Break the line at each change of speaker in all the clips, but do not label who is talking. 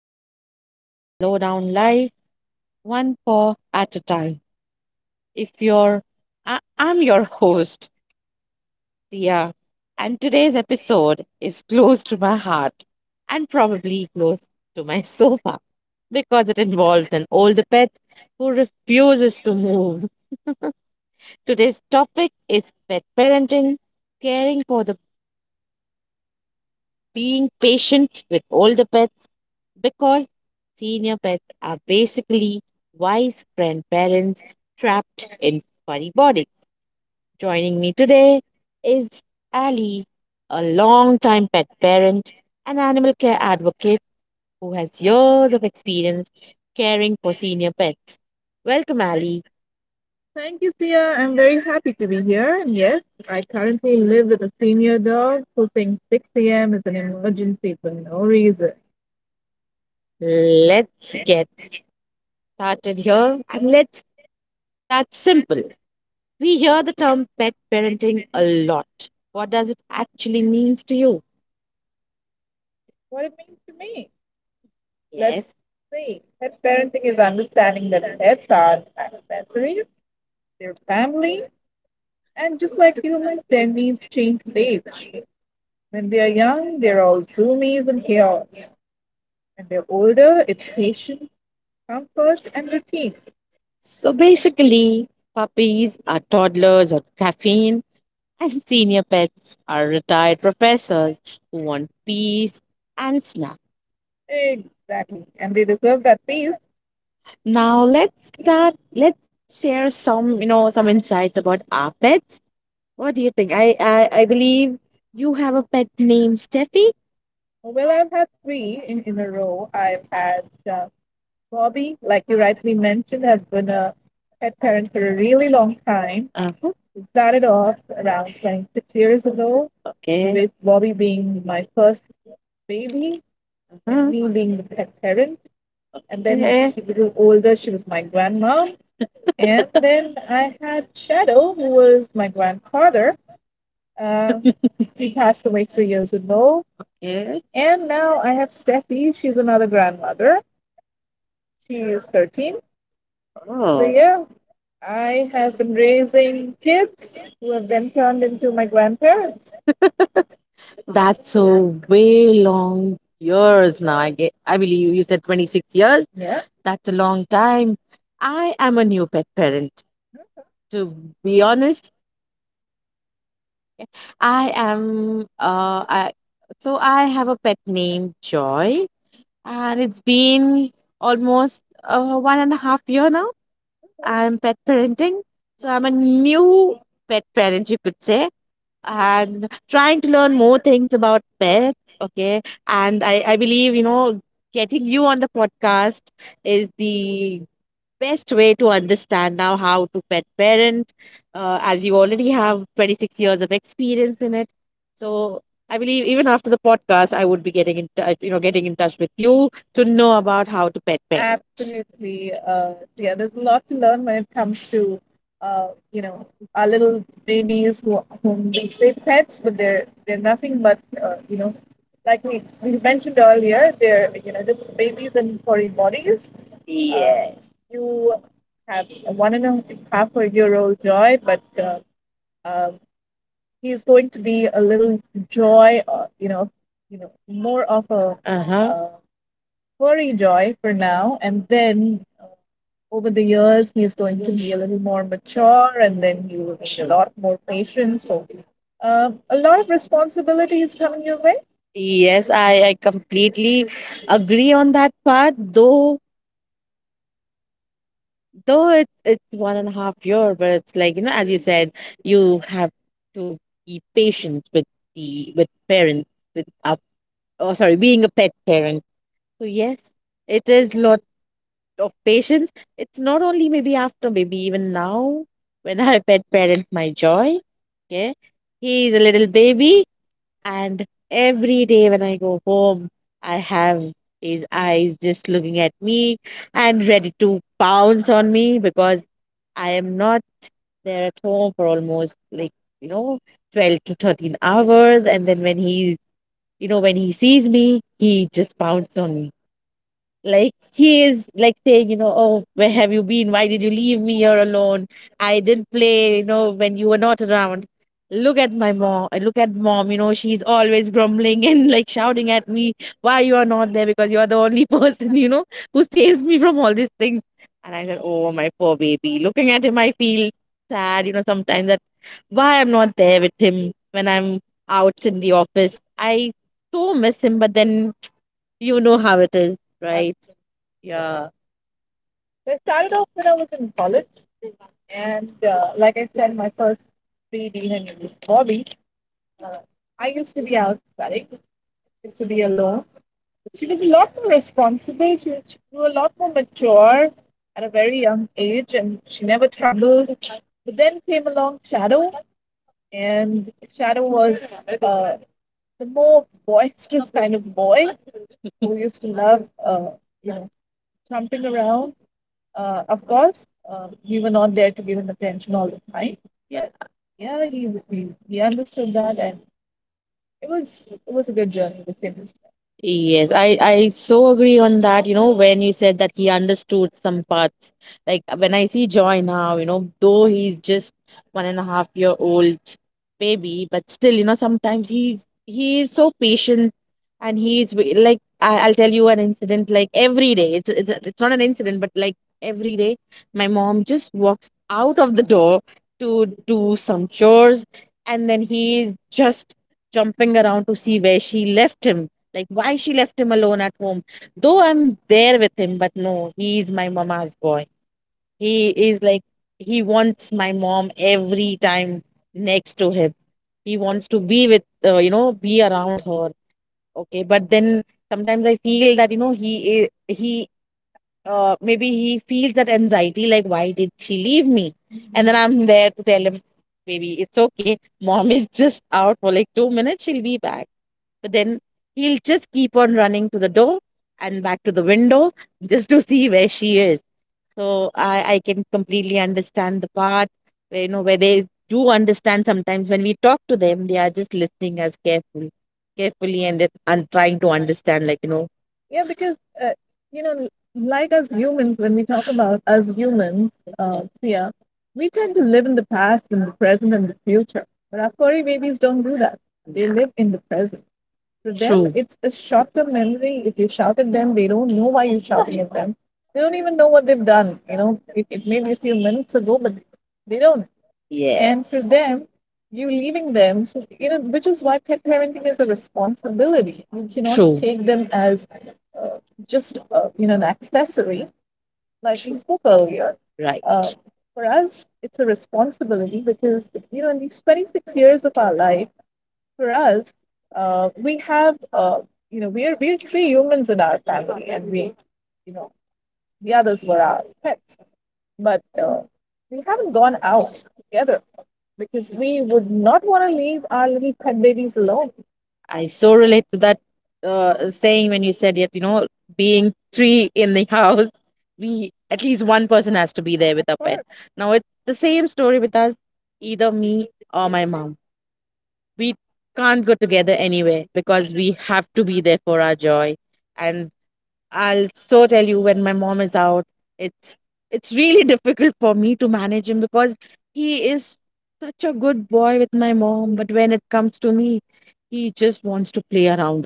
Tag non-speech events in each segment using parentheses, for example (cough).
podcast where we slow down life one paw at a time. If you're, I- I'm your host, Sia, and today's episode is close to my heart and probably close to my sofa because it involves an older pet who refuses to move. Today's topic is pet parenting, caring for the being patient with older pets because senior pets are basically wise grandparents trapped in furry bodies. Joining me today is Ali, a long-time pet parent and animal care advocate who has years of experience caring for senior pets. Welcome, Ali. Let's get started here, and let's start simple. We hear the term pet parenting a lot. What does it actually mean to you? Let's So basically, puppies are toddlers on caffeine, and senior pets are retired professors who want peace and snack. Now let's start. Let's share some some insights about our pets. What do you think? I believe you have a pet named Steffi. Uh-huh. Okay. and Uh-huh. as Okay. Yes. Oh. That's a way long years now. I believe you said 26 years. That's a long time. I am a new pet parent. To be honest, I am I so I have a pet named Joy, and it's been almost 1.5 years now. I'm pet parenting. So I'm a new pet parent, you could say, and trying to learn more things about pets. Okay. And I believe, you know, getting you on the podcast is the best way to understand now how to pet parent, as you already have 26 years of experience in it. So I believe even after the podcast, I would be getting in touch with you to know about how to pet parent. Yes. Uh huh. uh, Yes, I completely agree on that part. Though it's 1.5 years, but it's like, you know, as you said, you have to be patient with the with parents, with up oh sorry, being a pet parent. So yes, it is lot of patience. It's not only maybe after, maybe even now when I pet parent my Joy. Okay. He's a little baby. And every day when I go home, I have his eyes just looking at me and ready to pounce on me because I am not there at home for almost you know, 12 to 13 hours. And then when he sees me, he just pounces on me. Like he is like saying, you know, oh, where have you been? Why did you leave me here alone? I didn't play, you know, when you were not around. Look at my mom. Look at mom. You know, she's always grumbling (laughs) and like shouting at me, why you are not there? Because you are the only (laughs) person, you know, who saves me from all these things. And I said, oh, my poor baby. Looking at him, I feel sad. You know, sometimes that why I'm not there with him when I'm out in the office. I so miss him, but then you know how it is, right? Yes, I so agree on that. You know, when you said that he understood some parts, like when I see Joy now, you know, though he's just 1.5 years old baby, but still, you know, sometimes he is so patient, and he is wi- like I, I'll tell you an incident like every day. It's not an incident, but like every day, my mom just walks out of the door to do some chores, and then he is just jumping around to see where she left him, like why she left him alone at home. Though I'm there with him, but no, he is my mama's boy. He is like he wants my mom every time next to him. He wants to be with you know, be around her. Okay, but then sometimes I feel that you know he, maybe he feels that anxiety like why did she leave me? And then I'm there to tell him, baby, it's okay. Mom is just out for like 2 minutes. She'll be back. But then he'll just keep on running to the door and back to the window just to see where she is. So I can completely understand the part where you know where they do understand sometimes when we talk to them, they are just listening as carefully, and trying to understand like you know true. Yes. True. Right. I so relate to that saying when you said it, you know, being three in the (laughs) house, we at least one person has to be there with of a pet. Course, now it's the same story with us, either me or my mom. We can't go together anywhere because we have to be there for our joy. And I'll so tell you when my mom is out, it's it's really (laughs) difficult for me to manage him because he is such a good boy with my mom, but when it comes to me, he just wants to play around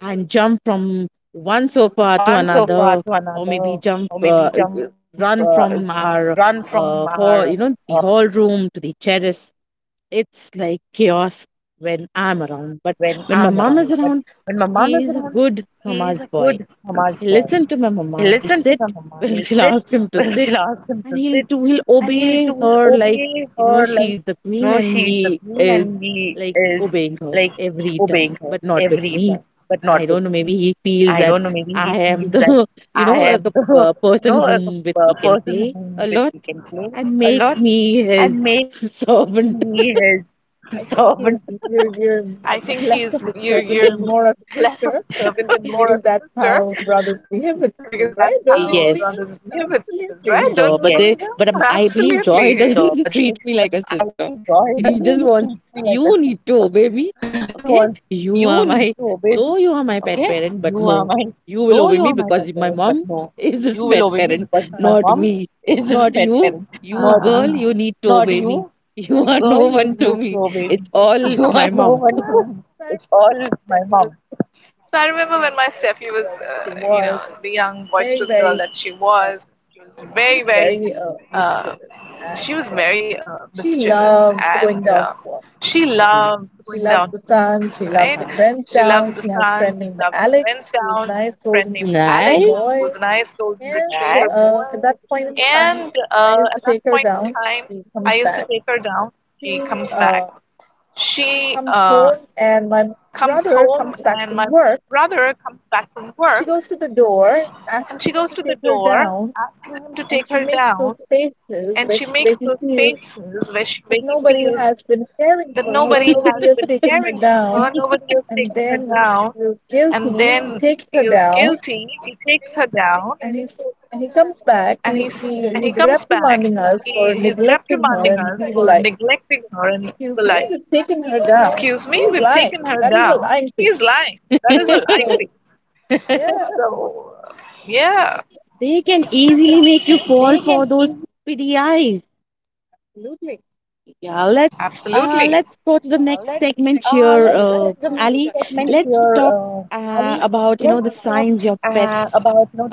and jump from one sofa to
One
another,
sofa to
maybe jump,
another, or maybe jump,
run from our
run from
hall,
her
you know, the hall room to the terrace. It's like chaos when I'm around, but
when
when my
I'm around.
mom is
But
around,
when my mom is around,
he is a good
he is a good
mama's boy.
mama's boy.
He
He'll
listened to
listen
my
to my
mama.
mama.
He'll
He'll
sit
sit (laughs)
(laughs) when
when
she'll
she'll
ask
ask him
him
to,
to sit, and
and
he'll
he'll do
do. He'll
he'll obey
obey her
her like,
like you
you know,
know
she's
she's
the
the queen,
queen,
and
and
he
he is
is
like
obeying
obeying
her
her
every
every time,
time. But
but
not
not,
with me.
I
I
don't
don't
know,
know.
maybe
Maybe he
he feels
feels
that
that
I
I am
am (laughs)
the
the,
(laughs)
you
you know
know, a
a person
person whom
whom with
with he
he
can
can
play
play
a
a
lot
lot
and
and
make
make me
me
his
his (laughs)
(laughs)
servant.
servant.
I think he is you're less of a servant and more of a sister, because that's how brothers behave with sisters, right? Don't you believe, yes,
Yes.
them? Absolutely.
No,
No,
but
but,
they, but
I
I believe
believe Joy
Joy
doesn't
doesn't (laughs)
feel
treat
(laughs)
me like
like
a
a sister.
sister. He
He just
just wants,
wants you
you
need
need to
to obey
obey
me.
me.
Okay,
Okay. You
you
are
are my
my,
though
though
you
you
are
are
my
my
pet
pet
parent,
parent, but
but
no,
no,
you
you will
will
obey
obey
me.
me because
My
my
mom
mom (laughs)
is
is his
just
pet
met,
parent, not
not me.
me,
Ah, not
not
you.
you.
You
You girl,
girl.
you
You,
need to
no
obey
baby.
me. (laughs)
(laughs) You
You
are
are
no
no
one
one
to.
to me. It's
All
all
my
my
mom.
mom.
So I remember when my Steffi was the young boisterous girl that she was. She was very, very. Uh, she was very, mischievous, and she loved going down for walks. Right? Uh-huh. She loves the sun. She loves her friends down. She has a friend named Alex, who's a nice Golden retriever.
Nice.
And at that point in time, I used to take her down. She comes back. She comes home, and my brother comes back from work, and she goes to the door asking him to take her down. And she makes those faces where he feels that nobody has been caring for her, nobody (laughs) has taken her down. And then he feels guilty. He takes her down, and he comes back. He's reprimanding us for neglecting her, and we were like, "Excuse me, we've taken her down." He's lying. That is a lying face. (laughs) So, yeah, they
They can
can
easily make you fall for those pity eyes.
absolutely. Yeah,
Yeah,
let
let's
uh, let's
let's go
take
to the
the next
next
segment
segment
here,
here,
Ali.
Ali.
Let's,
Let's talk
about,
About you know the
the signs
signs your
that pets
pets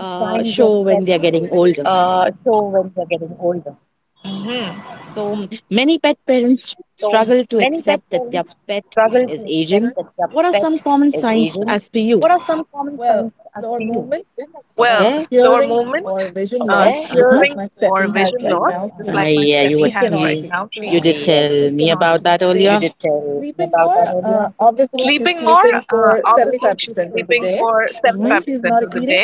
show
show
when
when they
they're
are
getting
getting
older.
older.
hmm So
So
many
many
pet
pet
parents
parents struggle to
struggle.
accept that their
Pet
pet
is
is aging.
aging.
What
What
are
are
some
some
common
common signs
signs
as
as per
to
you?
you? Well, slower movement, okay,
Okay.
hearing or vision loss, just, uh-huh, like my Steffi
Uh-huh.
has right now. She, ah,
Yeah, you
yes,
were She
cannot, mhm,
you,
you
you
see, did
did
tell
tell me
me about
about that
that.
earlier.
Sleeping more, obviously, she's sleeping for 75% of the day when
When
she's not
hmm
eating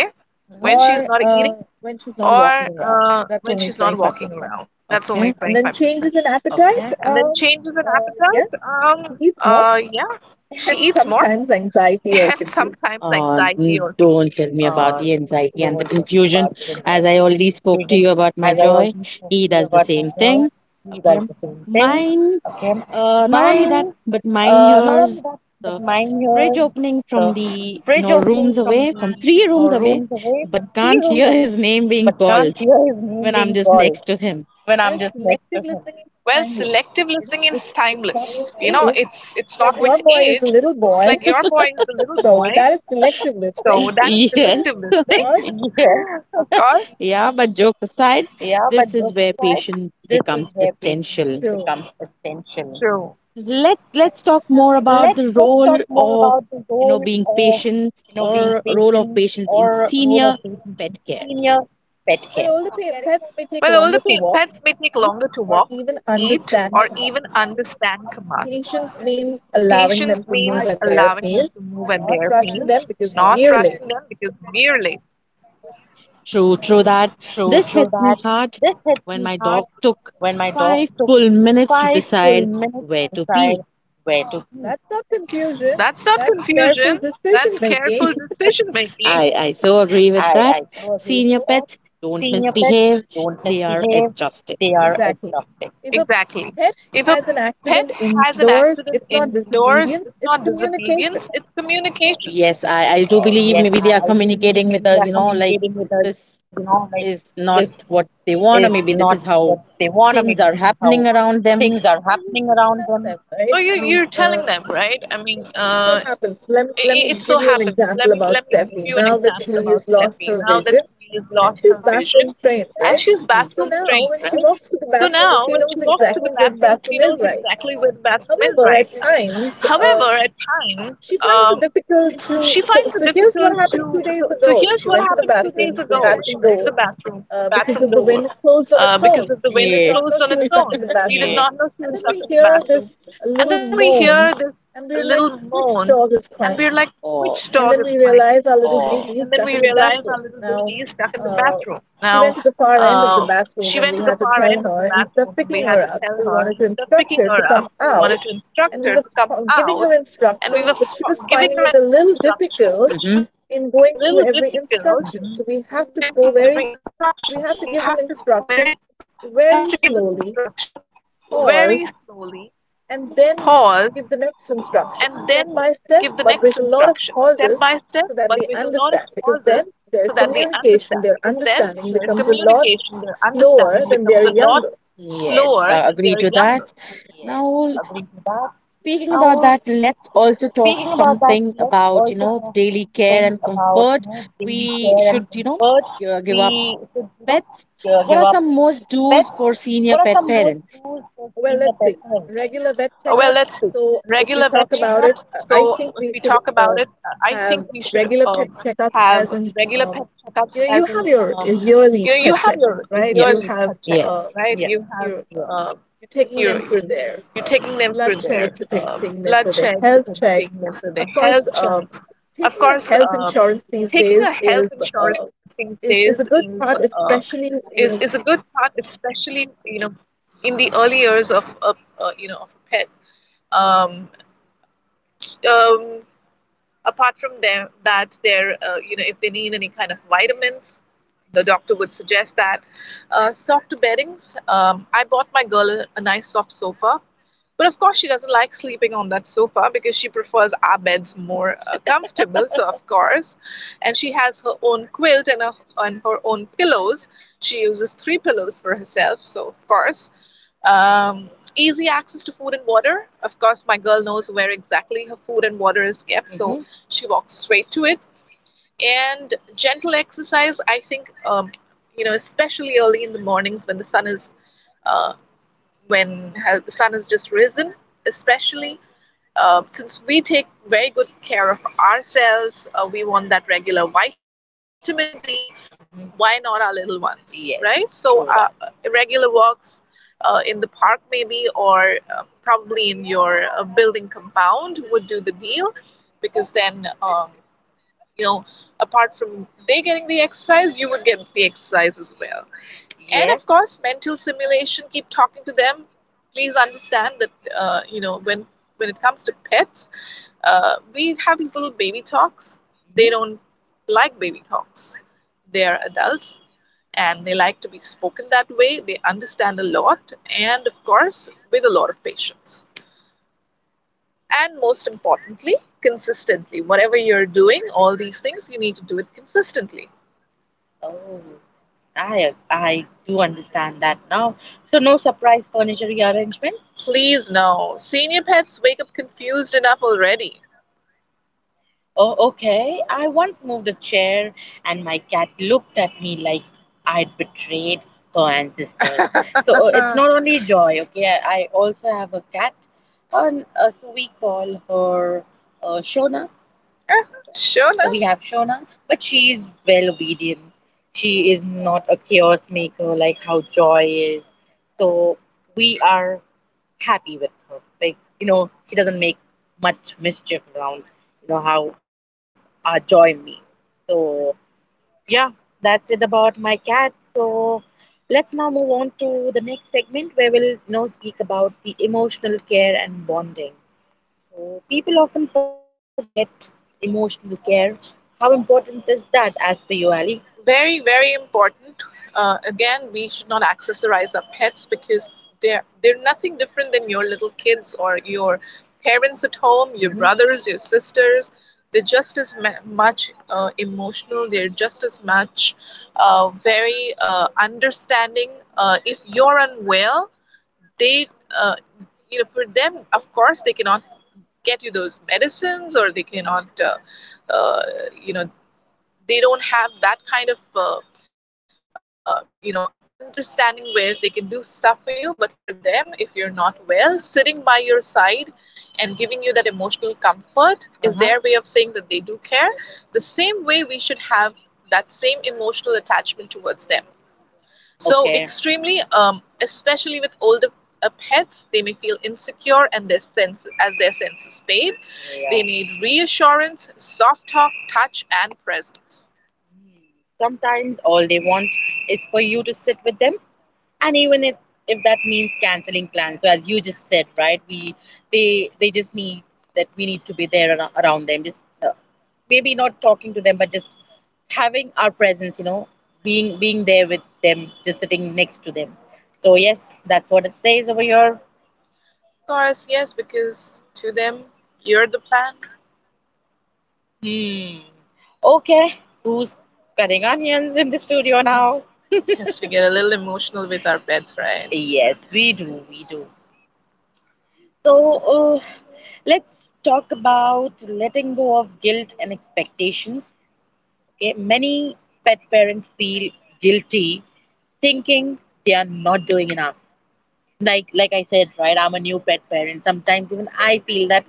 or when she's not walking around. That's only 25%. Okay.
Yeah.
And then changes in appetite, yeah, she eats more. (laughs) And sometimes anxiety or confusion.
Don't tell me about
So
the
not talking
anxiety and the
about the
confusion.
anxiety and
As I already
confusion.
spoke to you about
As
my
I
joy,
already
he does the
got
same thing.
you
Okay,
guys the same thing.
mine,
Okay.
not only that,
Mine,
but mine
not
hears
only that, but
the
mine here
fridge
is
opening from
the
the you
fridge
know
opening,
rooms away, from three rooms away,
rooms away,
but
from three
can't
rooms
hear
away,
his name being
but can't
called
hear his name
when I'm
being
just next
called
to him.
when I'm just next to him. Well, selective listening is timeless. You know, it's not with age. It's like your boy is a little boy, so
(laughs)
that is
Yeah,
selective listening, (laughs) yes, of course.
yeah, but joke aside,
Yeah, but
this is where
besides,
patience
this is
becomes
where patience
essential.
becomes essential. True.
Let's talk more
let
about the
let's talk
role
more
of
about the
you know
role
being
of
patient,
you know being
or role of
patient,
patients in
or role of
senior
patience in
pet care.
senior pet care. Well, older pets may take longer to walk, eat, or even understand commands. Patience means allowing them to move at their pace, not rushing them because we're late.
True, true that.
True,
This hit
true
me
that.
hard
This hit
when
me
my dog
hard
took
when my
five
dog took
full minutes to
five full
decide
minutes
where
to
to pee.
decide where to pee. That's not confusion, that's careful decision making.
I so agree with
I,
that.
I do agree with
Senior
that.
pets don't
Senior pets
misbehave,
don't
they are
misbehave,
adjusted.
they are adopted. Exactly. If a pet has an accident indoors, it's not disobedience, it's communication.
Yes, I do
Yes, I
believe
do
maybe they
believe
are
maybe they are
communicating
communicating with
with
us,
us, you know, like
this is
not
not
what
they
they
want,
want, or maybe
or
this is how
how things
things
are
are
happening
happening
around
around
them.
them.
Oh, you're telling them, right? I mean, it so happens. Let me give you an example about Steffi. Now that she's lost her vision, and she's bathroom trained, right?
Mhm.
So now when she walks to the bathroom, she knows exactly where the bathroom is right now. However, at times, she finds it difficult so here's what happened 2 days ago. She went to The bathroom door, because of the wind, closed on its own. We did, yeah,
Yeah.
not know she was stuck in the bathroom,
(laughs)
and then we hear this little moan, and we're like, which dog is crying? And then we realize our baby is stuck in the bathroom now. uh, she went to the far end of the bathroom, and we had to tell her, waking her up. We wanted to instruct her to come out, and we were giving her instructions, but she was finding it a little difficult
hmm.
in going through every instruction. So we have to we have to give them instructions very slowly, pause, and then give the next instruction, step by step, but with a lot of pauses so that they understand. Because then their communication, their understanding becomes a lot slower than they're younger.
Yes, agree to
That.
that. Now,
Now, speaking
speaking about
about that,
that, let's
also
also talk
think
something
about
about, you know,
baby
daily care
care and
and
comfort.
comfort
We
we
should,
should, you know,
give
give our.
up pets.
What
What
are
are
some
some more?
most do's for senior pet
Uh,
parents?
Well, let's see. Regular vet checkups. So, if we talk about it, I think we should, have regular pet checkups, as in, you have your yearly pet checkups, right? Yes. You have,
Yeah.
yes,
Yes. uh,
you you're taking them for their blood checks, you're taking them for their health checks. Of course, taking a health insurance these days is, is a good part, especially, you know, in the early years of you know of a pet. Um, um, apart from them, that they're, if they need any kind of vitamins, the doctor would suggest that. Soft beddings. I bought my girl a nice soft sofa, but of course, she doesn't like sleeping on that sofa because she prefers our beds more, comfortable. So of course, and she has her own quilt, and her own pillows. She uses three pillows for herself. So of course, um, easy access to food and water. Of course, my girl knows where exactly her food and water is kept, so she walks straight to it. And gentle exercise, I think, especially early in the mornings when the sun is. Uh, when the sun has just risen, especially. Since we take very good care of ourselves, we want that regular vitamin D. Mhm. Why not our little ones? Yes, right? So, you right, regular walks in the park, maybe, or probably in your building compound would do the deal, because then, you know, apart from they getting the exercise, you would get the exercise as well. And, yes, of, yes, course, mental simulation, keep talking to them. Please understand that, when it comes to pets, we have these little baby talks. They, don't like baby talks. They are adults, and they like to be spoken that way. They understand a lot, and of course, with a lot of patience, and most importantly, consistently. Whatever you're doing, all these things, you need to do it consistently. Oh, I do understand that now. So no surprise furniture rearrangements? Please, no. Senior pets wake up confused enough already. Oh, okay. I once moved a chair and my cat looked at me like I'd betrayed her ancestors. (laughs) So it's not (laughs) only Joy, okay? I also have a cat, and so we call her, Shona. Shona? So we have Shona, but she is well obedient. She is not a chaos maker like how Joy is. So we are happy with her. Like, you know, she doesn't make much mischief around, how Joy me. So, yeah, that's it about my cat. So let's now move on to the next segment where we'll, speak about the emotional care and bonding. People often forget emotional care. How important is that, as per you, Ali? Very, very important. Again, we should not accessorize our pets because they're nothing different than your little kids or your parents at home, your brothers, your sisters. They're just as much, emotional. They're just as much, very, understanding. If you're unwell, they uh, for them, of course, they cannot get you those medicines, or they cannot uh, you know they don't have that kind of uh, you know understanding where they can do stuff for you. But for them, if you're not well, sitting by your side and giving you that emotional comfort is, uh-huh, their way of saying that they do care. The same way, we should have that same emotional attachment towards them, so, okay, extremely. Especially with older pets, they may feel insecure, and their sense as their senses fade. They, yeah, need reassurance, soft talk, touch, and presence. Mm. Sometimes all they want is for you to sit with them, and even if that means canceling plans. So as you just said, right? We they just need that, we need to be there around them. Just maybe not talking to them, but just having our presence, being there with them, just sitting next to them. So yes, that's what it says over here. Of course, yes, because to them, you're the plan. Hmm. Okay. Who's cutting onions in the studio now? (laughs) Yes, we get a little emotional with our pets, right? Yes, we do, we do. So uh, let's talk about letting go of guilt and expectations. Okay, many pet parents feel guilty thinking they are not doing enough. Like I said, right, I'm a new pet parent. Sometimes even I feel that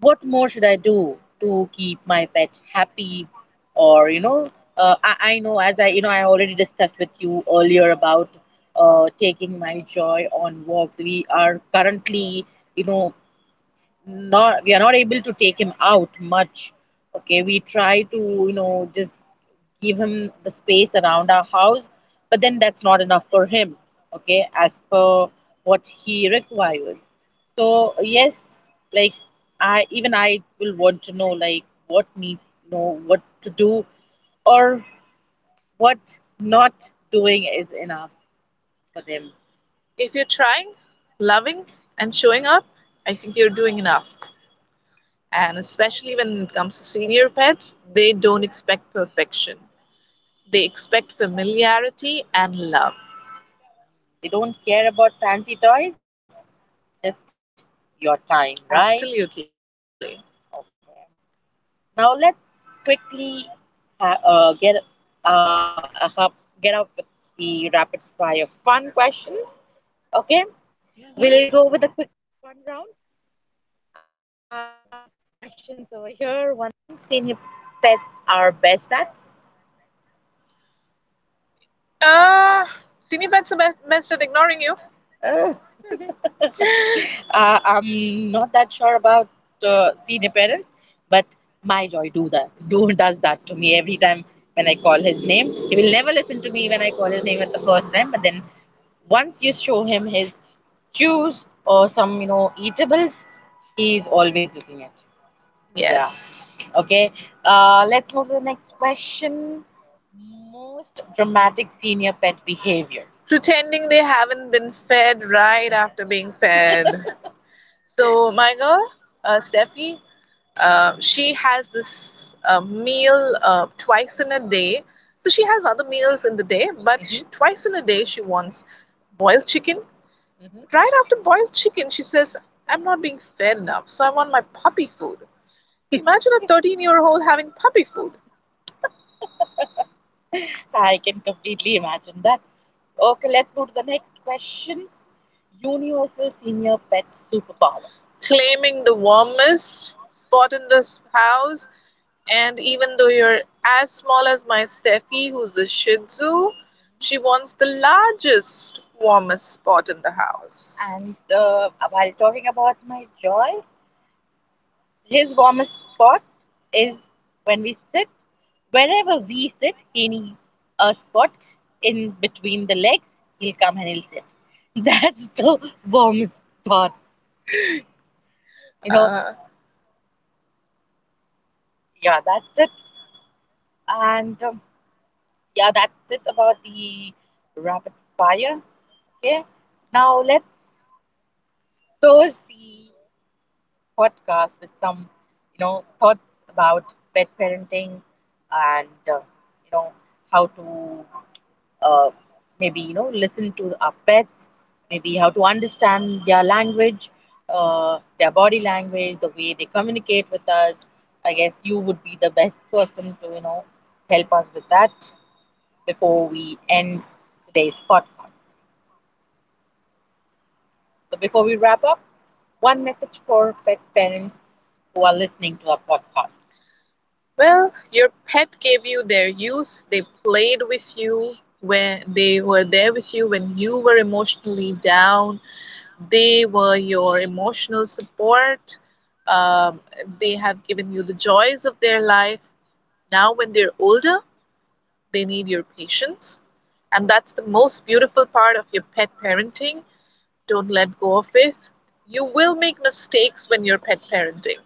what more should I do to keep my pet happy, or I know, as I I already discussed with you earlier about taking my joy on walks. We are currently, you know not we are not able to take him out much. Okay, we try to just give him the space around our house, but then that's not enough for him. Okay, as per what he requires. So yes, like, I will want to know, like, what need, know what to do, or what not doing is enough for them. If you're trying, loving, and showing up, I think you're doing enough. And especially when it comes to senior pets, they don't expect perfection. They expect familiarity and love. They don't care about fancy toys, just your time, right? Absolutely. Okay. Now let's quickly ha uh, get uh, uh hop- get up with the rapid fire fun questions. Okay, yeah, we'll go with a quick fun round. I'll ask questions over here. One thing senior pets are best at. Ah, Senior pets are best at ignoring you. (laughs) I'm not that sure about senior parent, but my joy do that do does that to me every time when I call his name. He will never listen to me when I call his name at the first time, but then once you show him his shoes or some, eatables, he is always looking at you. Yeah. Yes. Okay. Let's move to the next question. Most dramatic senior pet behavior. Pretending they haven't been fed right after being fed. So my girl, Steffi, she has this meal twice in a day. So she has other meals in the day, but, hmm, she, twice in a day she wants boiled chicken. Hmm. Right after boiled chicken, she says, "I'm not being fed enough, so I want my puppy food." (laughs) Imagine a 13-year-old having puppy food. I can completely imagine that. Okay, let's go to the next question. Universal senior pet superpower. Claiming the warmest spot in the house. And even though you're as small as my Steffi, who's a Shih Tzu, she wants the largest, warmest spot in the house. And while talking about my joy, his warmest spot is when we sit. Wherever we sit, he needs a spot in between the legs. He'll come and he'll sit. (laughs) That's the warmest spot. You know, yeah, that's it. And yeah, that's it about the rapid fire. Okay, now let's close the podcast with some, thoughts about pet parenting, and you know how to uh, maybe listen to our pets, maybe how to understand their language, their body language, the way they communicate with us. I guess you would be the best person to, help us with that before we end today's podcast. So before we wrap up, one message for pet parents who are listening to our podcast. Well, your pet gave you their youth. They played with you when they were there with you when you were emotionally down. They were your emotional support. Um, they have given you the joys of their life. Now, when they're older, they need your patience. And that's the most beautiful part of your pet parenting, don't let go of it. You will make mistakes when you're pet parenting,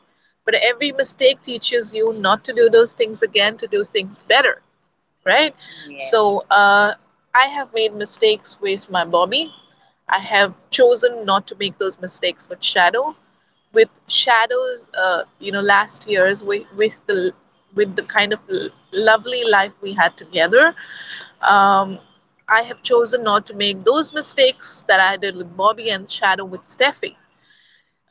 but every mistake teaches you not to do those things again, to do things better, right? Yes. So, I have made mistakes with my Bobby. I have chosen not to make those mistakes with Shadow. With Shadow's, last year's with, with the kind of lovely life we had together, um, I have chosen not to make those mistakes that I did with Bobby and Shadow with Steffi.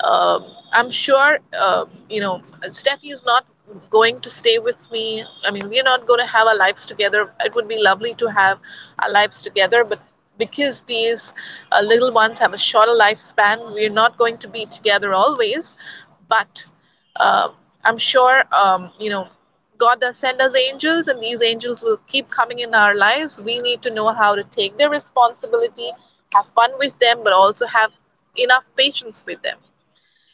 Um, I'm sure, Steffi is not going to stay with me. I mean, we're not going to have our lives together. It would be lovely to have our lives together, but because these little ones have a shorter lifespan, we're not going to be together always. But uh, I'm sure, God does send us angels, and these angels will keep coming in our lives. We need to know how to take their responsibility, have fun with them, but also have enough patience with them.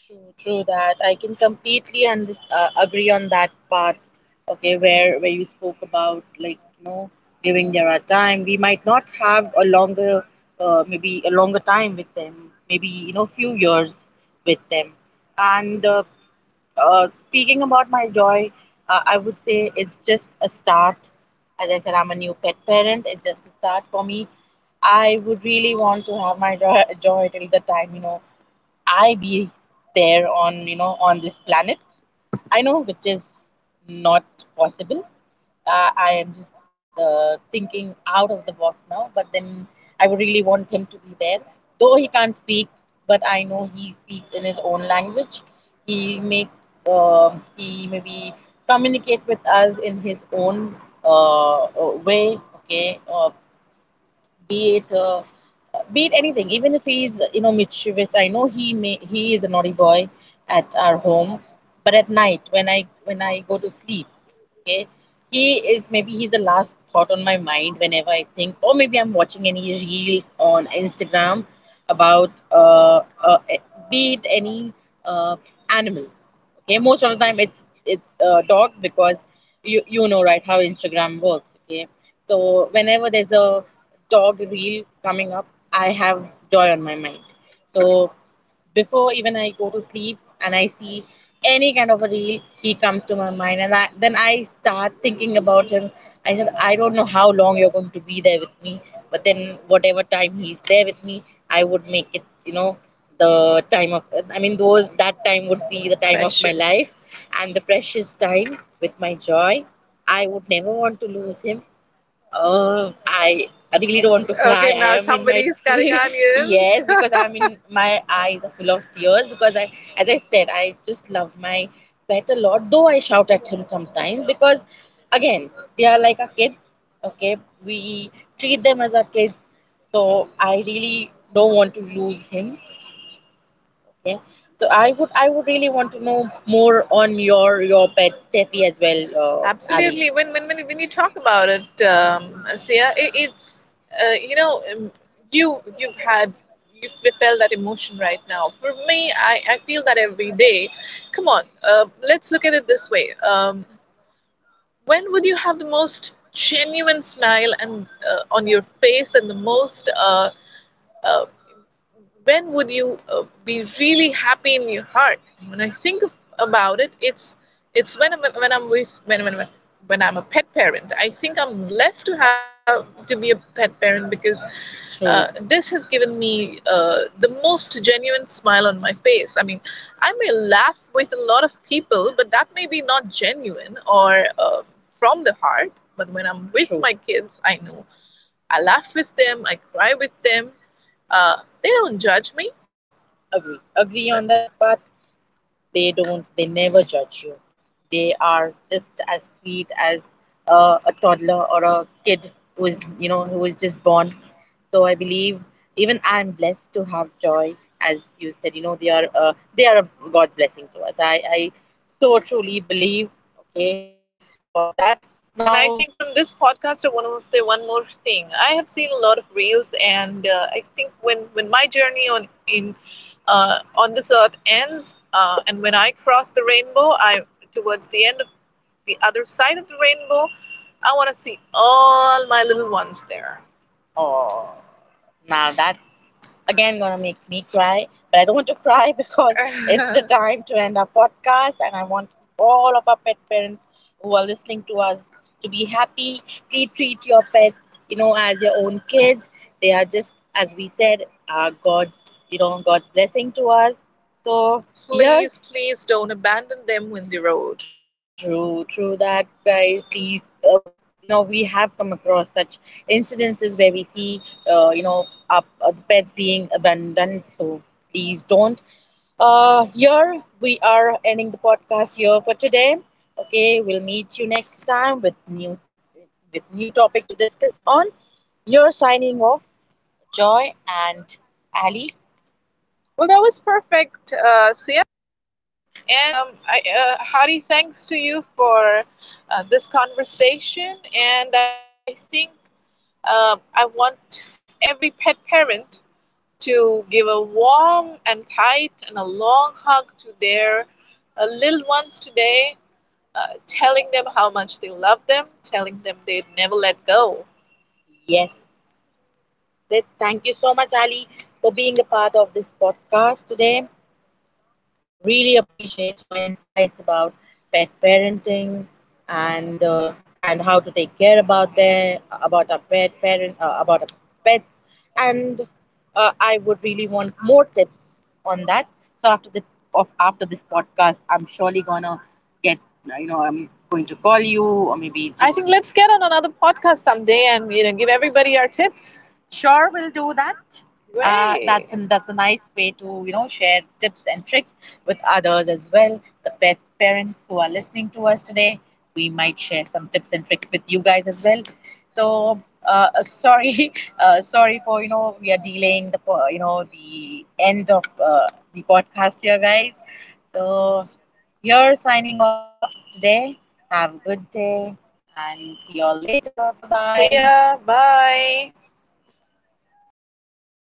True, true that. I can completely agree on that part. Okay, where you spoke about, like, giving their a time, we might not have a longer, maybe a longer time with them. Maybe, few years with them. And speaking about my joy, I would say it's just a start. As I said, I'm a new pet parent. It's just a start for me. I would really want to have my joy till the time, I be there on, on this planet. I know which is not possible. I am just thinking out of the box now. But then I would really want him to be there, though he can't speak. But I know he speaks in his own language. He makes, he maybe communicate with us in his own way. Okay, be it. Be it anything, even if he's, mischievous. I know he may, he is a naughty boy at our home, but at night when I go to sleep. Okay. He is, maybe he's the last thought on my mind whenever I think, or maybe I'm watching any reels on Instagram about be it any uh animal. Okay, most of the time it's dogs because you know, right, how Instagram works. Okay, so whenever there's a dog reel coming up, I have joy on my mind. So before even I go to sleep and I see any kind of a reel, he comes to my mind, and I, then I start thinking about him. I said, I don't know how long you're going to be there with me, but then whatever time he's there with me, I would make it. You know, the time of, I mean, those that time would be the time of my life. Precious. And the precious time with my joy. I would never want to lose him. Oh, I really don't want to cry. Okay, I now am in my, somebody my is (laughs) crying. Yes. Yes, because I'm (laughs) in my eyes are full of tears because I, as I said, I just love my pet a lot. Though I shout at him sometimes because, again, they are like our kids. Okay, we treat them as our kids. So I really don't want to lose him. Yeah. So I would really want to know more on your pet Steffi as well, Avi. Absolutely. When you talk about it, Sia, it's uh, you know um, you you've had you felt that emotion right now. For me, I feel that every day. Come on, let's look at it this way. When would you have the most genuine smile and on your face, and the most uh, when would you be really happy in your heart? And when about it, it's when I'm with when I'm a pet parent, I think I'm blessed to have to be a pet parent because, true, This has given me the most genuine smile on my face. I mean, I may laugh with a lot of people, but that may be not genuine or uh, from the heart. But when I'm with True. My kids, I know I laugh with them, I cry with them. uh, they don't judge me. Agree, agree on that. But they don't, they never judge you. They are just as sweet as a toddler or a kid who is who is just born. So I believe even I'm blessed to have joy. As you said, they are a god blessing to us. I so truly believe. Okay. About that. And I now think from this podcast, I want to say one more thing. I have seen a lot of reels, and I think when my journey on in on this earth ends, and when I cross the rainbow, I towards the end of the other side of the rainbow, I want to see all my little ones there. Oh, now that again gonna make me cry, but I don't want to cry (laughs) because it's the (laughs) time to end our podcast. And I want all of our pet parents who are listening to us to be happy. Please treat your pets, as your own kids. They are, just as we said, are god's, god's blessing to us. So yes, please, please don't abandon them in the road. True, true that, guys. Please, we have come across such incidences where we see, uh, you know, up the pets being abandoned. So please don't. Here we are ending the podcast here for today. Okay, we'll meet you next time with new, with new topic to discuss on. You're signing off, joy and Ali. Well, that was perfect, Sia. And I, Hari, thanks to you for this conversation. And I think I want every pet parent to give a warm and tight and a long hug to their little ones today, telling them how much they love them, telling them they'd never let go. Yes. Thank you so much, Ali, for being a part of this podcast today. Really appreciate your insights about pet parenting, and uh, and how to take care about their, about our pet parent about our pets. And I would really want more tips on that. So after the of, after this podcast, I'm surely gonna get, I'm going to call you, or maybe just I think let's get on another podcast someday and give everybody our tips. Sure, we'll do that. That's Right. an, that's a nice way to share tips and tricks with others as well. The pet parents who are listening to us today, we might share some tips and tricks with you guys as well. So sorry, (laughs) sorry for, we are delaying the the end of the podcast here, guys. So you're signing off today. Have a good day and see you all later. Bye. See bye. Ya. Bye.